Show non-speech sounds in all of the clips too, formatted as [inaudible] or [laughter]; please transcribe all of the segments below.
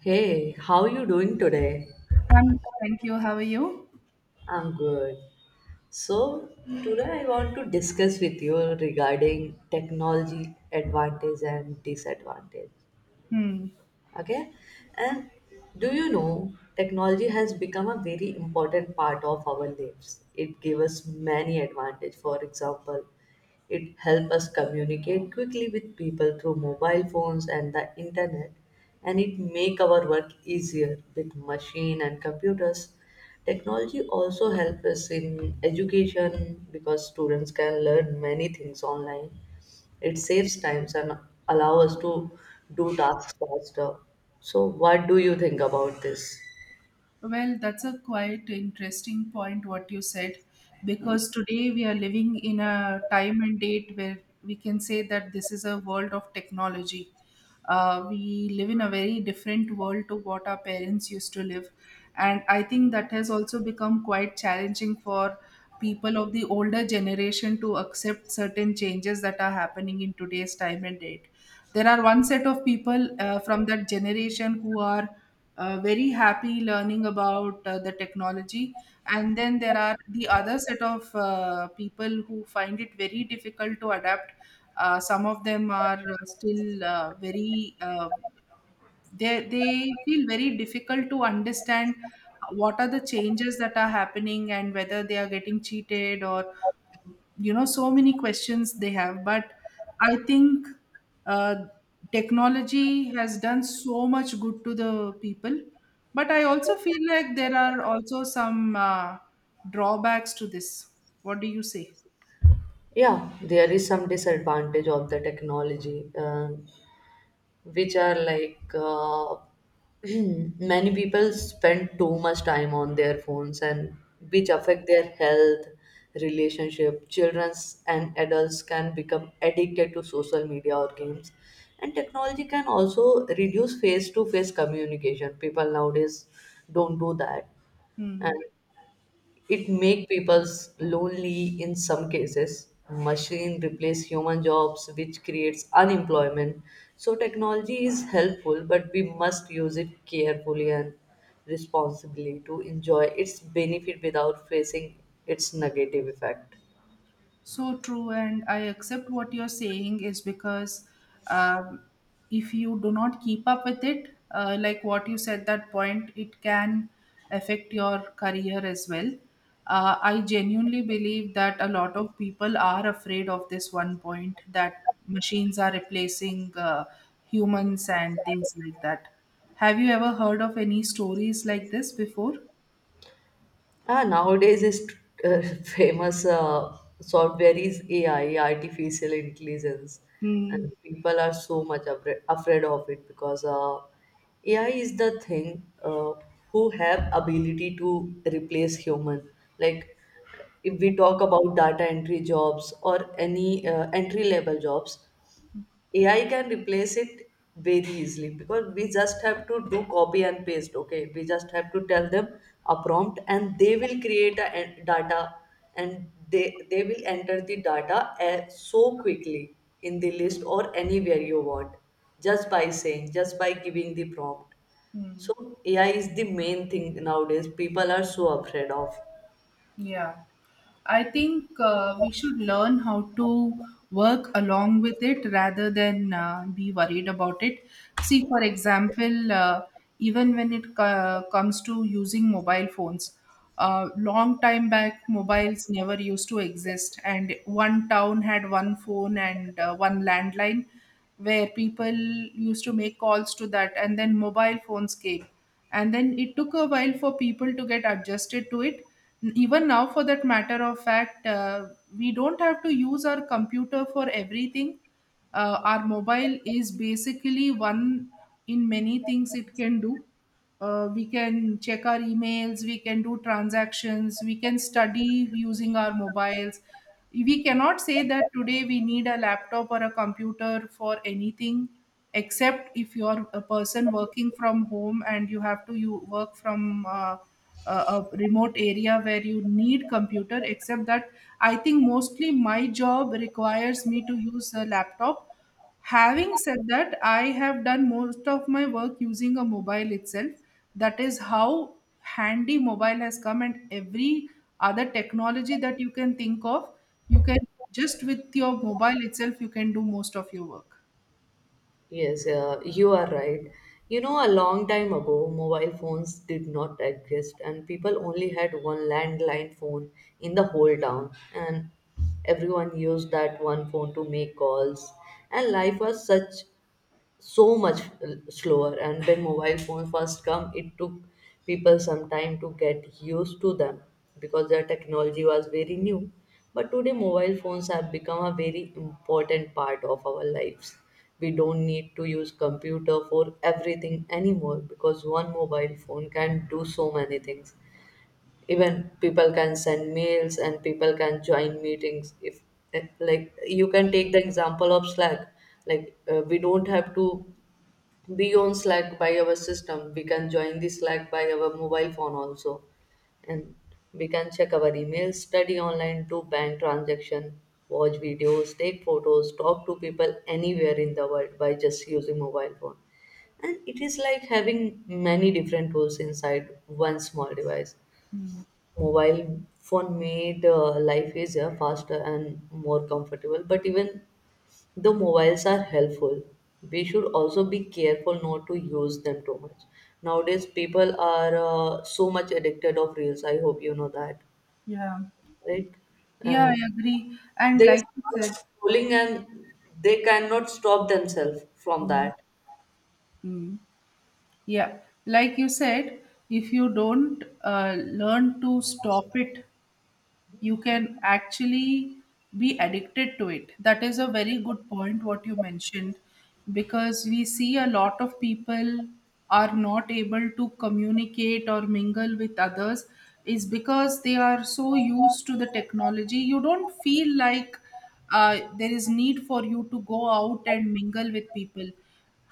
Hey, how are you doing today? I'm thank you. How are you? I'm good. So, today I want to discuss with you regarding technology advantage and disadvantage. Hmm. Okay. And do you know, technology has become a very important part of our lives. It gave us many advantages. For example, it helped us communicate quickly with people through mobile phones and the internet, and it make our work easier with machine and computers. Technology also helps us in education because students can learn many things online. It saves times and allow us to do tasks faster. So what do you think about this? Well, that's a quite interesting point what you said, because today we are living in a time and date where we can say that this is a world of technology. We live in a very different world to what our parents used to live, and I think that has also become quite challenging for people of the older generation to accept certain changes that are happening in today's time and date. There are one set of people from that generation who are very happy learning about the technology, and then there are the other set of people who find it very difficult to adapt. Some of them are still very they feel very difficult to understand what are the changes that are happening and whether they are getting cheated or so many questions they have. But I think, uh, technology has done so much good to the people, but I also feel like there are also some drawbacks to this. What do you say? Yeah, there is some disadvantage of the technology. Which are like [clears throat] many people spend too much time on their phones and which affect their health, relationship. Children's and adults can become addicted to social media or games. And technology can also reduce face to face communication. People nowadays don't do that. Hmm. And it make people's lonely in some cases. Machine replace human jobs, which creates unemployment. So technology is helpful, but we must use it carefully and responsibly to enjoy its benefit without facing its negative effect. So true, and I accept what you're saying is because um, if you do not keep up with it, like what you said, that point, it can affect your career as well. I genuinely believe that a lot of people are afraid of this one point that machines are replacing humans and things like that. Have you ever heard of any stories like this before? Ah, nowadays is [laughs] famous software is AI, artificial intelligence, Hmm. and people are so much afraid of it because AI is the thing who have ability to replace human. Like if we talk about data entry jobs or any entry level jobs, AI can replace it very easily because we just have to do copy and paste. Okay, we just have to tell them a prompt, and they will create a data, and they will enter the data so quickly in the list or anywhere you want, just by saying, just by giving the prompt. Hmm. So AI is the main thing nowadays. People are so afraid of. Yeah. I think we should learn how to work along with it rather than be worried about it. See, for example, even when comes to using mobile phones, long time back, mobiles never used to exist, and one town had one phone and one landline where people used to make calls to that. And then mobile phones came, and then it took a while for people to get adjusted to it. Even now, for that matter of fact, we don't have to use our computer for everything. Our mobile is basically one in many things it can do. We can check our emails, we can do transactions, we can study using our mobiles. We cannot say that today we need a laptop or a computer for anything, except if you're a person working from home and you have to, you work from a remote area where you need computer. Except that, I think mostly my job requires me to use a laptop. Having said that, I have done most of my work using a mobile itself. That is how handy mobile has come, and every other technology that you can think of, you can, just with your mobile itself, you can do most of your work. Yes, you are right. You know, a long time ago, mobile phones did not exist, and people only had one landline phone in the whole town, and everyone used that one phone to make calls. And life was such so much slower. And when mobile phones first come, it took people some time to get used to them because their technology was very new. But today, mobile phones have become a very important part of our lives. We don't need to use computer for everything anymore because one mobile phone can do so many things. Even people can send mails, and people can join meetings if, like, you can take the example of Slack. We don't have to beyond Slack by our system, we can join the Slack by our mobile phone also. And we can check our emails, study online, do bank transaction, watch videos, take photos, talk to people anywhere in the world by just using mobile phone. And it is like having many different tools inside one small device. Mm, Mobile phone made life easier, faster, and more comfortable. But even though mobiles are helpful, we should also be careful not to use them too much. Nowadays, people are so much addicted of reels. I hope you know that, yeah, right? yeah, Uh, I agree. And they like you start said, scrolling, and they cannot stop themselves from mm, that. mm, yeah, like you said, if you don't learn to stop it, you can actually be addicted to it. That is a very good point, what you mentioned, because we see a lot of people are not able to communicate or mingle with others, is because they are so used to the technology. You don't feel like there is need for you to go out and mingle with people.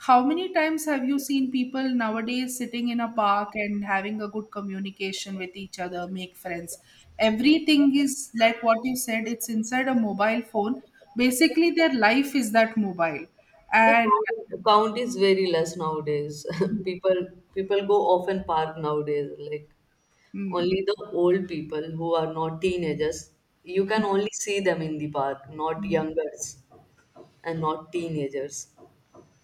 How many times have you seen people nowadays sitting in a park and having a good communication with each other, make friends? Everything is like what you said, it's inside a mobile phone. Basically, their life is that mobile. The And count is very less nowadays. [laughs] people people go off and park nowadays. Like, Hmm. only the old people who are not teenagers, you can only see them in the park, not Hmm. youngers. And not teenagers.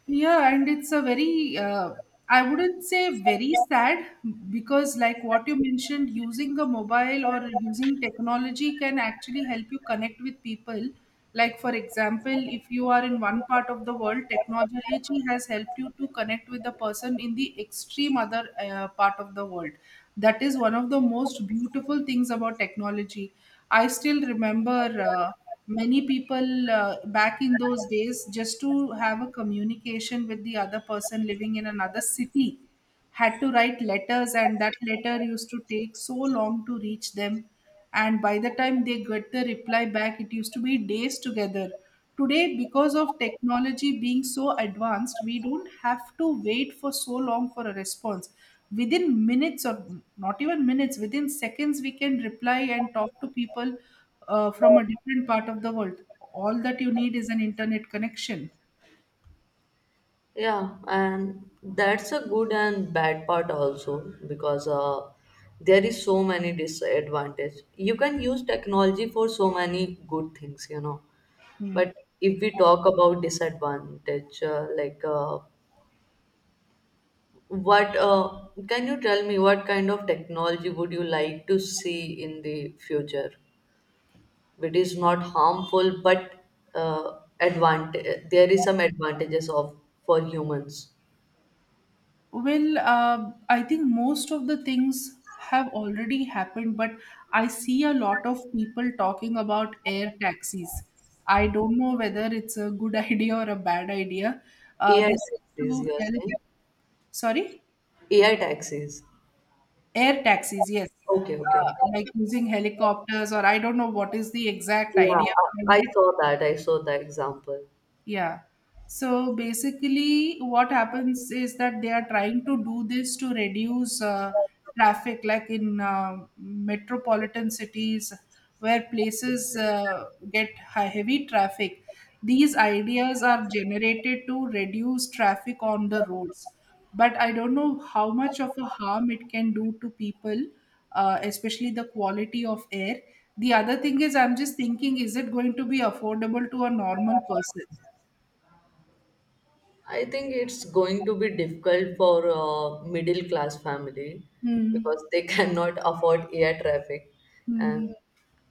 Yeah, and it's a very, I wouldn't say very sad, because like what you mentioned, using a mobile or using technology can actually help you connect with people. Like, for example, if you are in one part of the world, technology has helped you to connect with the person in the extreme other part of the world. That is one of the most beautiful things about technology. I still remember. Many people, back in those days, just to have a communication with the other person living in another city, had to write letters, and that letter used to take so long to reach them. And by the time they get the reply back, it used to be days together. Today, because of technology being so advanced, we don't have to wait for so long for a response. Within minutes, or not even minutes, within seconds, we can reply and talk to people from a different part of the world. All that you need is an internet connection. Yeah, and that's a good and bad part also because there is so many disadvantage. You can use technology for so many good things. Hmm. But if we talk about disadvantage, like, what, can you tell me what kind of technology would you like to see in the future? It is not harmful, but advantage. There is some advantages of for humans. Well, I think most of the things have already happened, but I see a lot of people talking about air taxis. I don't know whether it's a good [laughs] idea or a bad idea. AI This is taxis, to you are help. saying? Sorry. AI taxis. Air taxis, yes. Okay, okay, okay. Like using helicopters, or I don't know what is the exact Yeah, idea I behind I it, saw that. I saw that example. yeah. So basically, what happens is that they are trying to do this to reduce traffic, like in metropolitan cities where places get high, heavy traffic. These ideas are generated to reduce traffic on the roads. But I don't know how much of a harm it can do to people, especially the quality of air. The other thing is, I'm just thinking, is it going to be affordable to a normal person? I think it's going to be difficult for a middle class family Hmm. because they [laughs] cannot afford air traffic. And Hmm.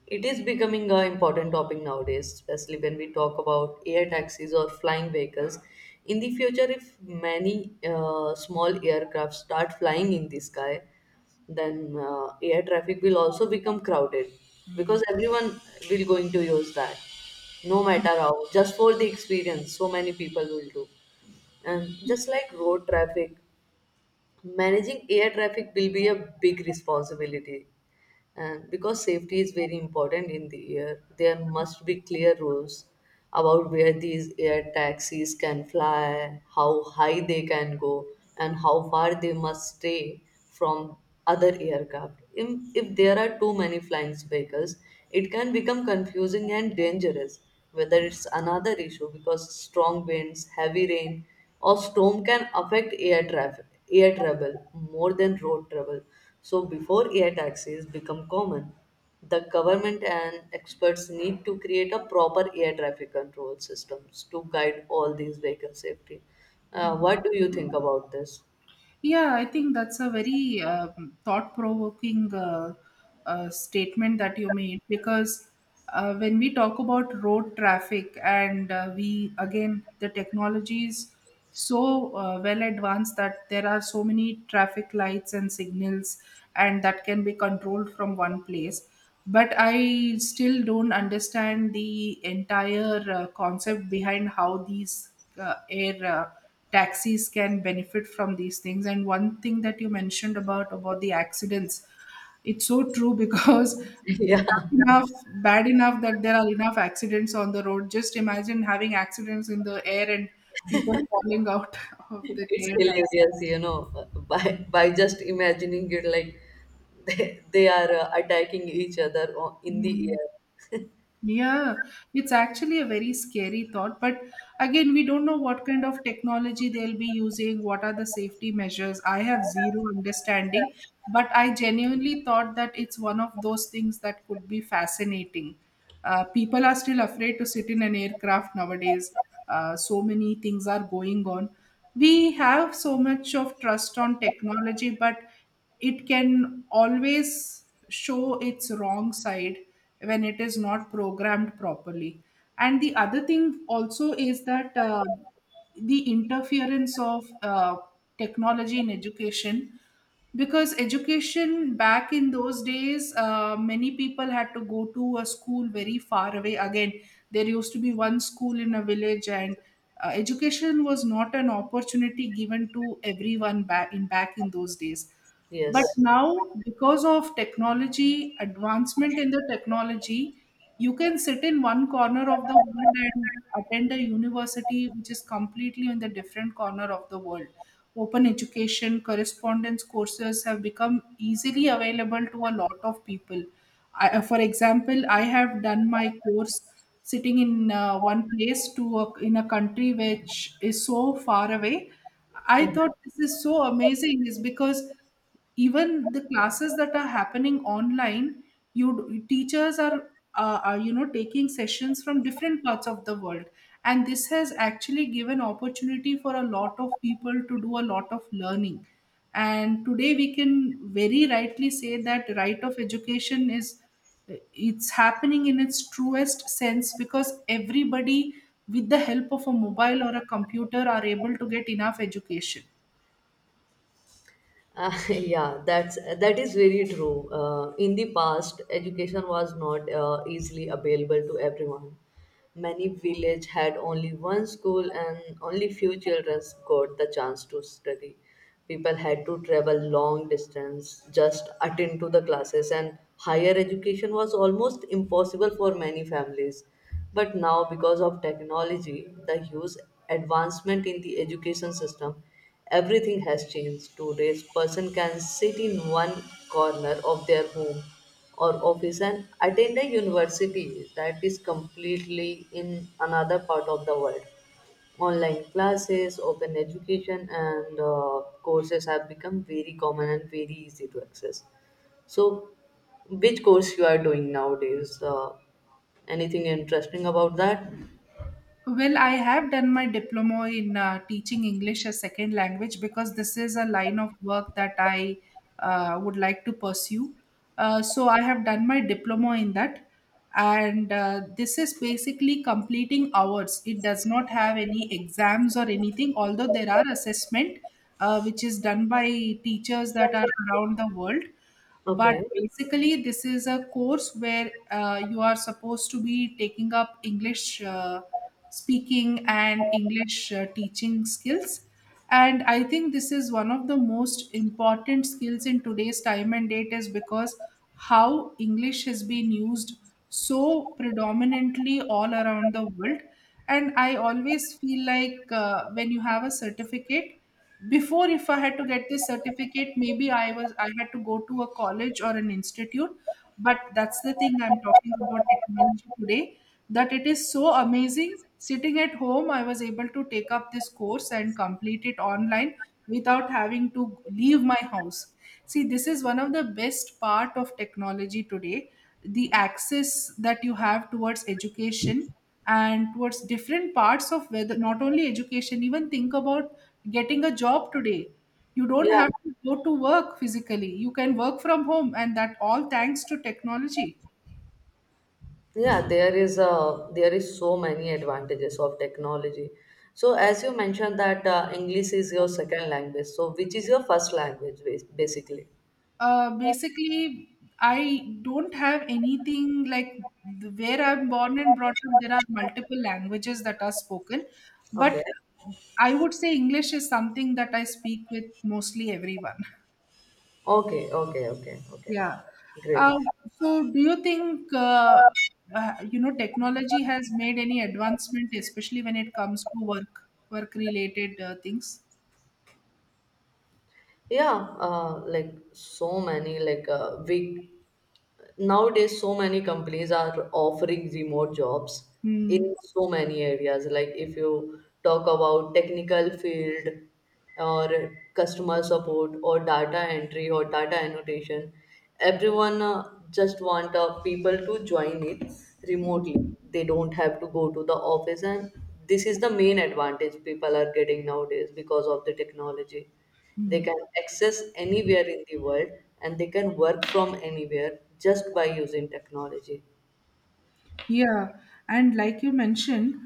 it is becoming an important topic nowadays, especially when we talk about air taxis or flying vehicles. In the future, if many small aircraft start flying in the sky, then air traffic will also become crowded Mm, because everyone will going to use that, no matter how, just for the experience, so many people will do. And just like road traffic, managing air traffic will be a big responsibility. And because safety is very important in the air, there must be clear rules about where these air taxis can fly, how high they can go, and how far they must stay from other aircraft. If there are too many flying vehicles, it can become confusing and dangerous. Whether it's another issue because strong winds, heavy rain, or storm can affect air traffic, air travel more than road travel. So before air taxis become common, the government and experts need to create a proper air traffic control systems to guide all these vehicle safety. Mm. What do you think about this? Yeah, I think that's a very thought-provoking, statement that you made, because when we talk about road traffic and we, again, the technology is so well advanced that there are so many traffic lights and signals, and that can be controlled from one place. But I still don't understand the entire concept behind how these air, taxis can benefit from these things. And one thing that you mentioned about the accidents, it's so true [laughs] because [laughs] bad yeah. enough, bad enough that there are enough accidents on the road. Just imagine having accidents in the air, and people falling out [laughs] of the It's air taxi. hilarious, by just imagining it, like [laughs] they are attacking each other in the Hmm. air. Yeah, it's actually a very scary thought. But again, we don't know what kind of technology they'll be using, what are the safety measures. I have zero understanding, but I genuinely thought that it's one of those things that could be fascinating. People are still afraid to sit in an aircraft nowadays. So many things are going on. We have so much of trust on technology, but it can always show its wrong side when it is not programmed properly. And the other thing also is that the interference of technology in education, because education back in those days, many people had to go to a school very far away. Again, there used to be one school in a village, and education was not an opportunity given to everyone back in, those days. But Yes. now, because of technology, advancement in the technology, you can sit in one corner of the world and attend a university which is completely in the different corner of the world. Open education, correspondence courses have become easily available to a lot of people. I, for example, I have done my course sitting in one place to a, in a country which is so far away. I thought this is so amazing, is because even the classes that are happening online, teachers are, are, taking sessions from different parts of the world, and this has actually given opportunity for a lot of people to do a lot of learning. And today we can very rightly say that right of education is, it's happening in its truest sense, because everybody with the help of a mobile or a computer are able to get enough education. [laughs] Yeah, that is very true. In the past, education was not easily available to everyone. Many village had only one school, and only few children got the chance to study. People had to travel long distance, just attend to the classes, and higher education was almost impossible for many families. But now, because of technology, the huge advancement in the education system, everything has changed. Today's person can sit in one corner of their home or office and attend a university that is completely in another part of the world. Online classes, open education, and courses have become very common and very easy to access. So, which course you are doing nowadays? Anything interesting about that? Well, I have done my diploma in teaching English as second language, because this is a line of work that I would like to pursue. So I have done my diploma in that, and this is basically completing hours. It does not have any exams or anything, although there are assessment which is done by teachers that are around the world. But Okay. basically, this is a course where you are supposed to be taking up English speaking and English teaching skills. And I think this is one of the most important skills in today's time and date, is because how English has been used so predominantly all around the world. And I always feel like when you have a certificate, before, if I had to get this certificate, maybe I had to go to a college or an institute. But that's the thing, I'm talking about technology today, that it is so amazing. Sitting at home, I was able to take up this course and complete it online without having to leave my house. See, this is one of the best part of technology today, the access that you have towards education and towards different parts of, whether not only education, even think about getting a job today. You don't Yeah. have to go to work physically. You can work from home, and that all thanks to technology. Yeah, there is so many advantages of technology. So as you mentioned that English is your second language, so which is your first language basically? Basically, I don't have anything like where I'm born and brought up. There are multiple languages that are spoken, Okay, but I would say English is something that I speak with mostly everyone. okay, okay, okay, okay. Yeah. Great. Uh, so, do you think technology has made any advancement, especially when it comes to work related things? Yeah, like so many, like, we nowadays, so many companies are offering remote jobs Hmm. in so many areas. Like, if you talk about technical field or customer support or data entry or data annotation, everyone just want people to join it remotely. They don't have to go to the office, and this is the main advantage people are getting nowadays because of the technology. They can access anywhere in the world, and they can work from anywhere just by using technology. Yeah, and like you mentioned,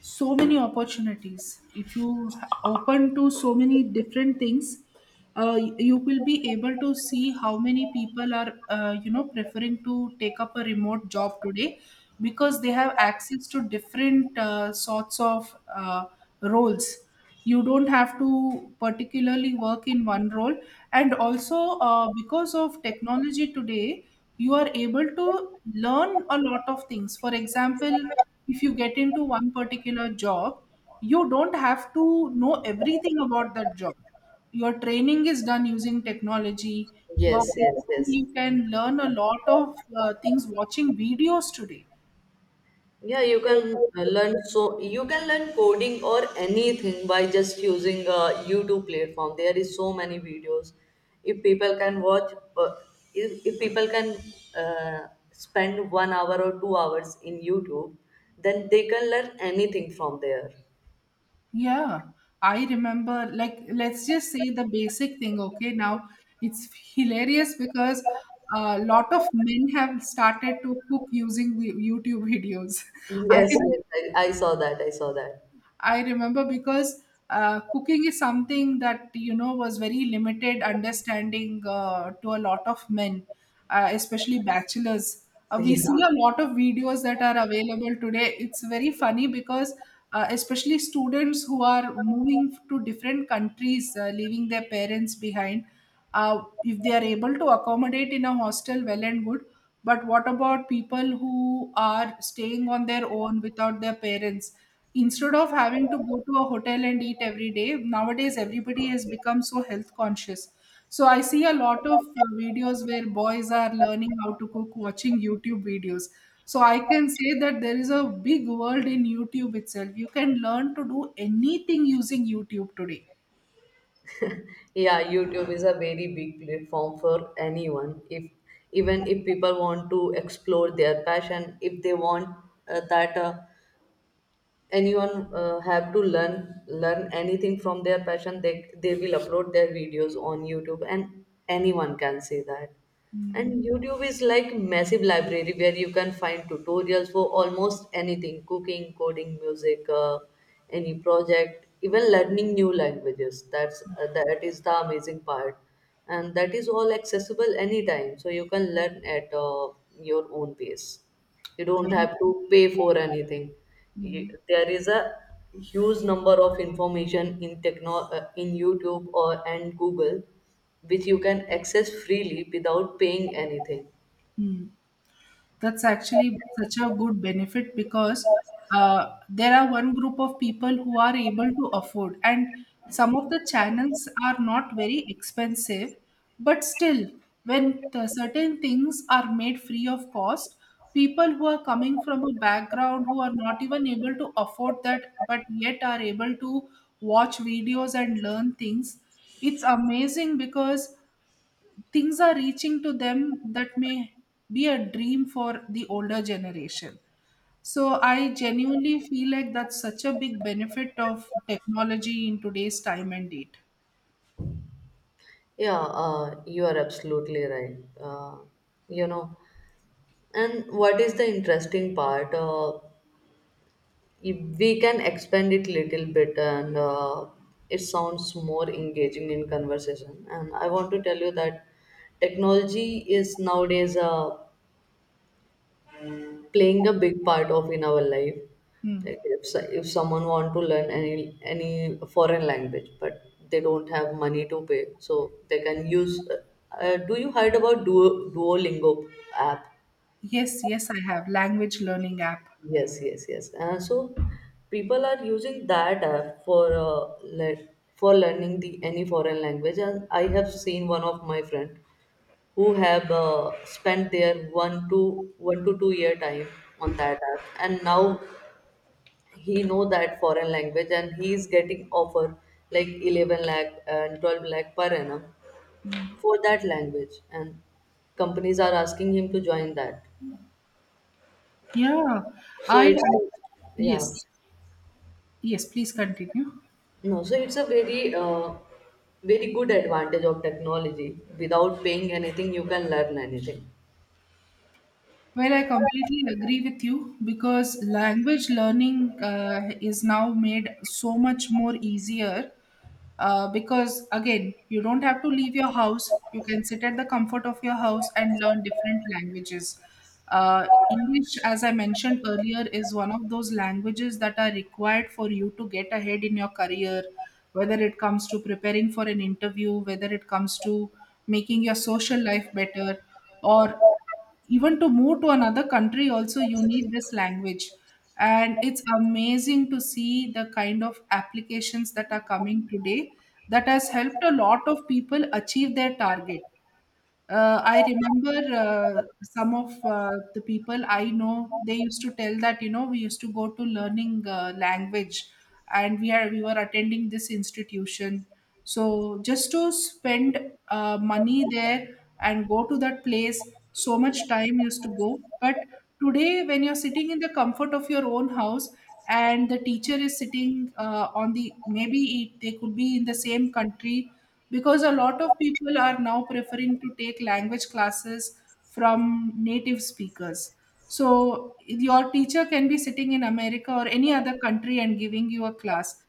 so many opportunities. If you open to so many different things, you will be able to see how many people are, preferring to take up a remote job today because they have access to different sorts of roles. You don't have to particularly work in one role. And also, because of technology today, you are able to learn a lot of things. For example, if you get into one particular job, you don't have to know everything about that job. Your training is done using technology. your Yes, yes, yes. you can learn a lot of things watching videos today. Yeah, you can learn coding or anything by just using a YouTube platform. There is so many videos. If people can watch, uh, if people can spend 1 hour or 2 hours in YouTube, then they can learn anything from there. Yeah, I remember, like, let's just say the basic thing. Okay? Now it's hilarious because a lot of men have started to cook using YouTube videos. [laughs] I Yes, have yes, I saw that. I saw that. I remember because cooking is something that was very limited understanding, to a lot of men, especially bachelors. [laughs] We see a Yeah. lot of videos that are available today. It's very funny because, especially students who are moving to different countries, leaving their parents behind, if they are able to accommodate in a hostel, well and good. But what about people who are staying on their own without their parents? Instead of having to go to a hotel and eat every day, nowadays everybody has become so health conscious. So I see a lot of videos where boys are learning how to cook watching youtube videos. So I can say that there is a big world in youtube itself. You can learn to do anything using youtube today. Yeah, YouTube is a very big platform for anyone. If Even if people want to explore their passion, if they want that anyone have to learn anything from their passion, they will upload their videos on YouTube, and anyone can see that. And Mm. YouTube is like massive library where you can find tutorials for almost anything, cooking, coding, music, any project, even learning new languages. That is the amazing part, and that is all accessible anytime, so you can learn at your own pace. You don't have Very, to pay for anything. mm, There is a huge number of information in techno in YouTube or and Google, which you can access freely without paying anything. mm. That's actually such a good benefit because, there are one group of people who are able to afford, and some of the channels are not very expensive, but still, when the certain things are made free of cost, people who are coming from a background who are not even able to afford that, but yet are able to watch videos and learn things, it's amazing because things are reaching to them that may be a dream for the older generation. So I genuinely feel like that's such a big benefit of technology in today's time and date. Yeah, you are absolutely right. uh, you know and what is the interesting part? If we can expand it little bit, and it sounds more engaging in conversation, and I want to tell you that technology is nowadays playing a big part of in our life. Hmm. Like, if someone want to learn any foreign language but they don't have money to pay, so they can use do you heard about Duolingo app? Yes, yes, I have language learning app. Yes, yes, yes. So people are using that app for for learning the any foreign language. And I have seen one of my friend who have spent their 1 to 1 to 2 year time on that app, and now he know that foreign language, and he is getting offer like 11 lakh and 12 lakh per annum for that language, and companies are asking him to join that. Yeah, So I it's yeah. yes, yes. Please continue. No, so it's a very, very good advantage of technology. Without paying anything, you can learn anything. Well, I completely agree with you because language learning is now made so much more easier. Because again, you don't have to leave your house. You can sit at the comfort of your house and learn different languages. English, as I mentioned earlier, is one of those languages that are required for you to get ahead in your career, whether it comes to preparing for an interview, whether it comes to making your social life better, or even to move to another country. Also, you need this language, and it's amazing to see the kind of applications that are coming today that has helped a lot of people achieve their target. I remember, some of the people I know. They used to tell that, we used to go to learning language, and we were attending this institution. So just to spend money there and go to that place, so much time used to go. But today, when you're sitting in the comfort of your own house, and the teacher is sitting on the, maybe it, they could be in the same country because a lot of people are now preferring to take language classes from native speakers. So your teacher can be sitting in America or any other country and giving you a class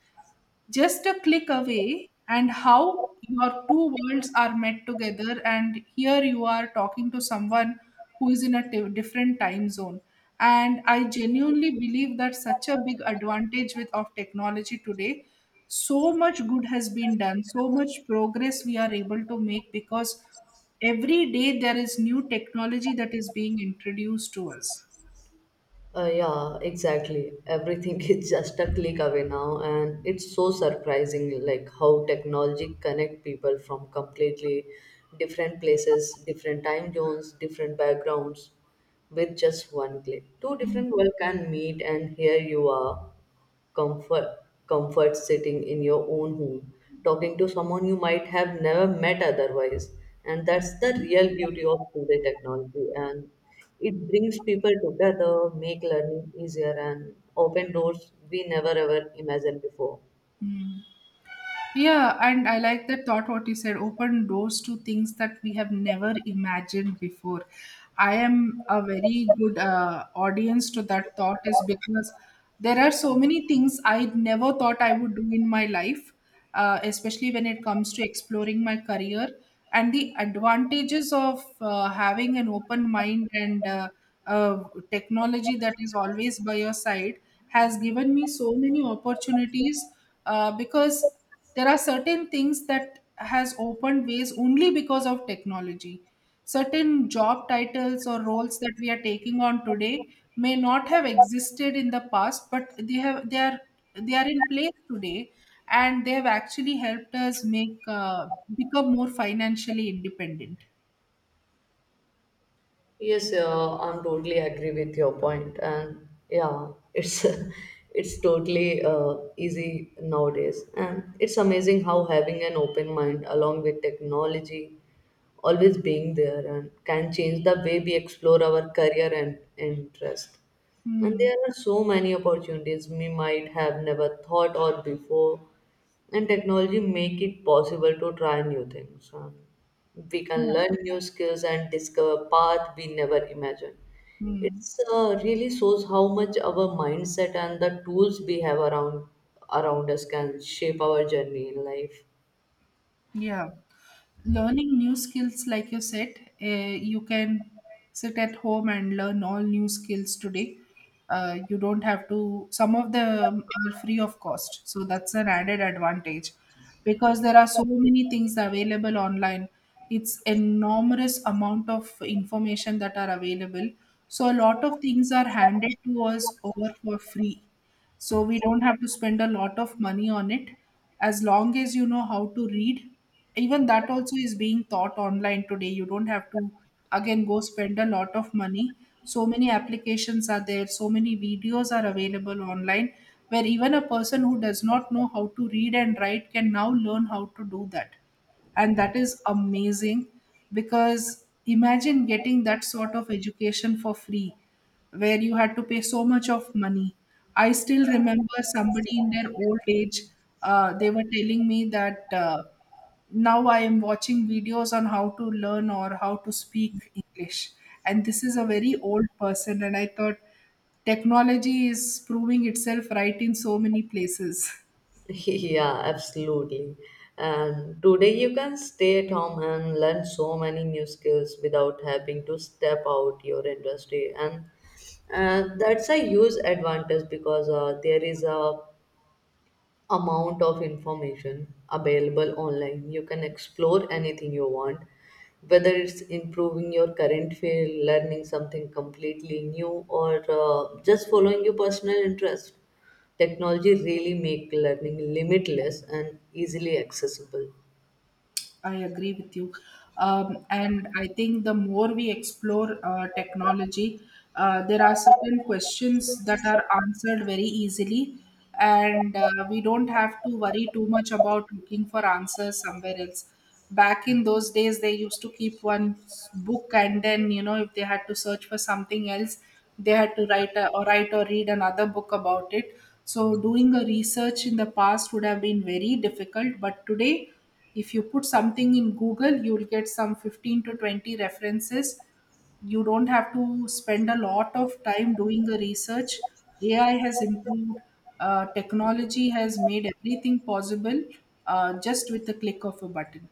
just a click away. And how your two worlds are met together, and here you are talking to someone who is in a different time zone. And I genuinely believe that such a big advantage with of technology today. So much good has been done, so much progress we are able to make, because every day there is new technology that is being introduced to us. Yeah, exactly. Everything [laughs] is just a click away now, and it's so surprising, like how technology connect people from completely different places, different time zones, different backgrounds, with just one click. Two Mm. different world can meet, and here you are comfort comfort sitting in your own home, talking to someone you might have never met otherwise. And that's the real beauty of today technology, and it brings people together, make learning easier, and open doors we never ever imagined before. Mm. Yeah, and I like that thought what you said, open doors to things that we have never imagined before. I am a very good audience to that thought, is because there are so many things I never thought I would do in my life, especially when it comes to exploring my career. And the advantages of having an open mind and uh, technology that is always by your side has given me so many opportunities, because there are certain things that has opened ways only because of technology. Certain job titles or roles that we are taking on today may not have existed in the past, but they are in place today, and they have actually helped us make become more financially independent. Yes, I'm totally agree with your point. And yeah, it's [laughs] it's totally easy nowadays, and it's amazing how having an open mind along with technology always being there and can change the way we explore our career and interest. And Hmm. there are so many opportunities we might have never thought of before, and technology make it possible to try new things. And we can Yeah. learn new skills and discover path we never imagined. It's Hmm. Really shows how much our mindset and the tools we have around us can shape our journey in life. Yeah. Learning new skills, like you said, you can sit at home and learn all new skills today. You don't have to, some of them are free of cost. So that's an added advantage because there are so many things available online. It's enormous amount of information that are available. So a lot of things are handed to us over for free, so we don't have to spend a lot of money on it, as long as you know how to read. Even that also is being taught online today. You don't have to again go spend a lot of money. So many applications are there, so many videos are available online where even a person who does not know how to read and write can now learn how to do that. And that is amazing, because imagine getting that sort of education for free where you had to pay so much of money. I still remember somebody in their old age, they were telling me that, now I am watching videos on how to learn or how to speak english. And this is a very old person, and I thought technology is proving itself right in so many places. [laughs] [laughs] yeah, absolutely. And today you can stay at home and learn so many new skills without having to step out your industry. And that's a huge advantage because there is a amount of information available online. You can explore anything you want, whether it's improving your current field, learning something completely new, or just following your personal interest. Technology really make learning limitless and easily accessible. I agree with you. And I think the more we explore technology, there are certain questions that are answered very easily, and we don't have to worry too much about looking for answers somewhere else. Back in those days, they used to keep one book, and then, if they had to search for something else, they had to write or write or read another book about it. So doing a research in the past would have been very difficult, but today, if you put something in google, you'll get some 15 to 20 references. You don't have to spend a lot of time doing the research. AI has improved, technology has made everything possible, just with the click of a button.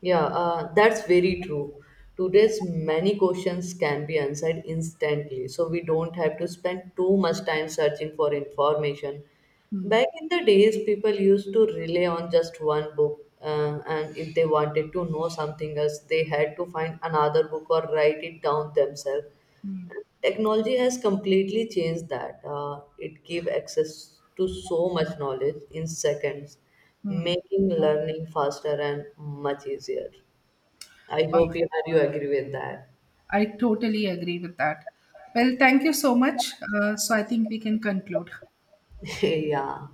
Yeah, that's very true. Today's many questions can be answered instantly, so we don't have to spend too much time searching for information. Hmm. Back in the days, people used to rely on just one book, and if they wanted to know something else, they had to find another book or write it down themselves. Hmm. Technology has completely changed that. It gives access to so much knowledge in seconds, Hmm. making learning faster and much easier. I All right. hope you agree with that. I totally agree with that. Well, thank you so much. So, I think we can conclude. [laughs] yeah.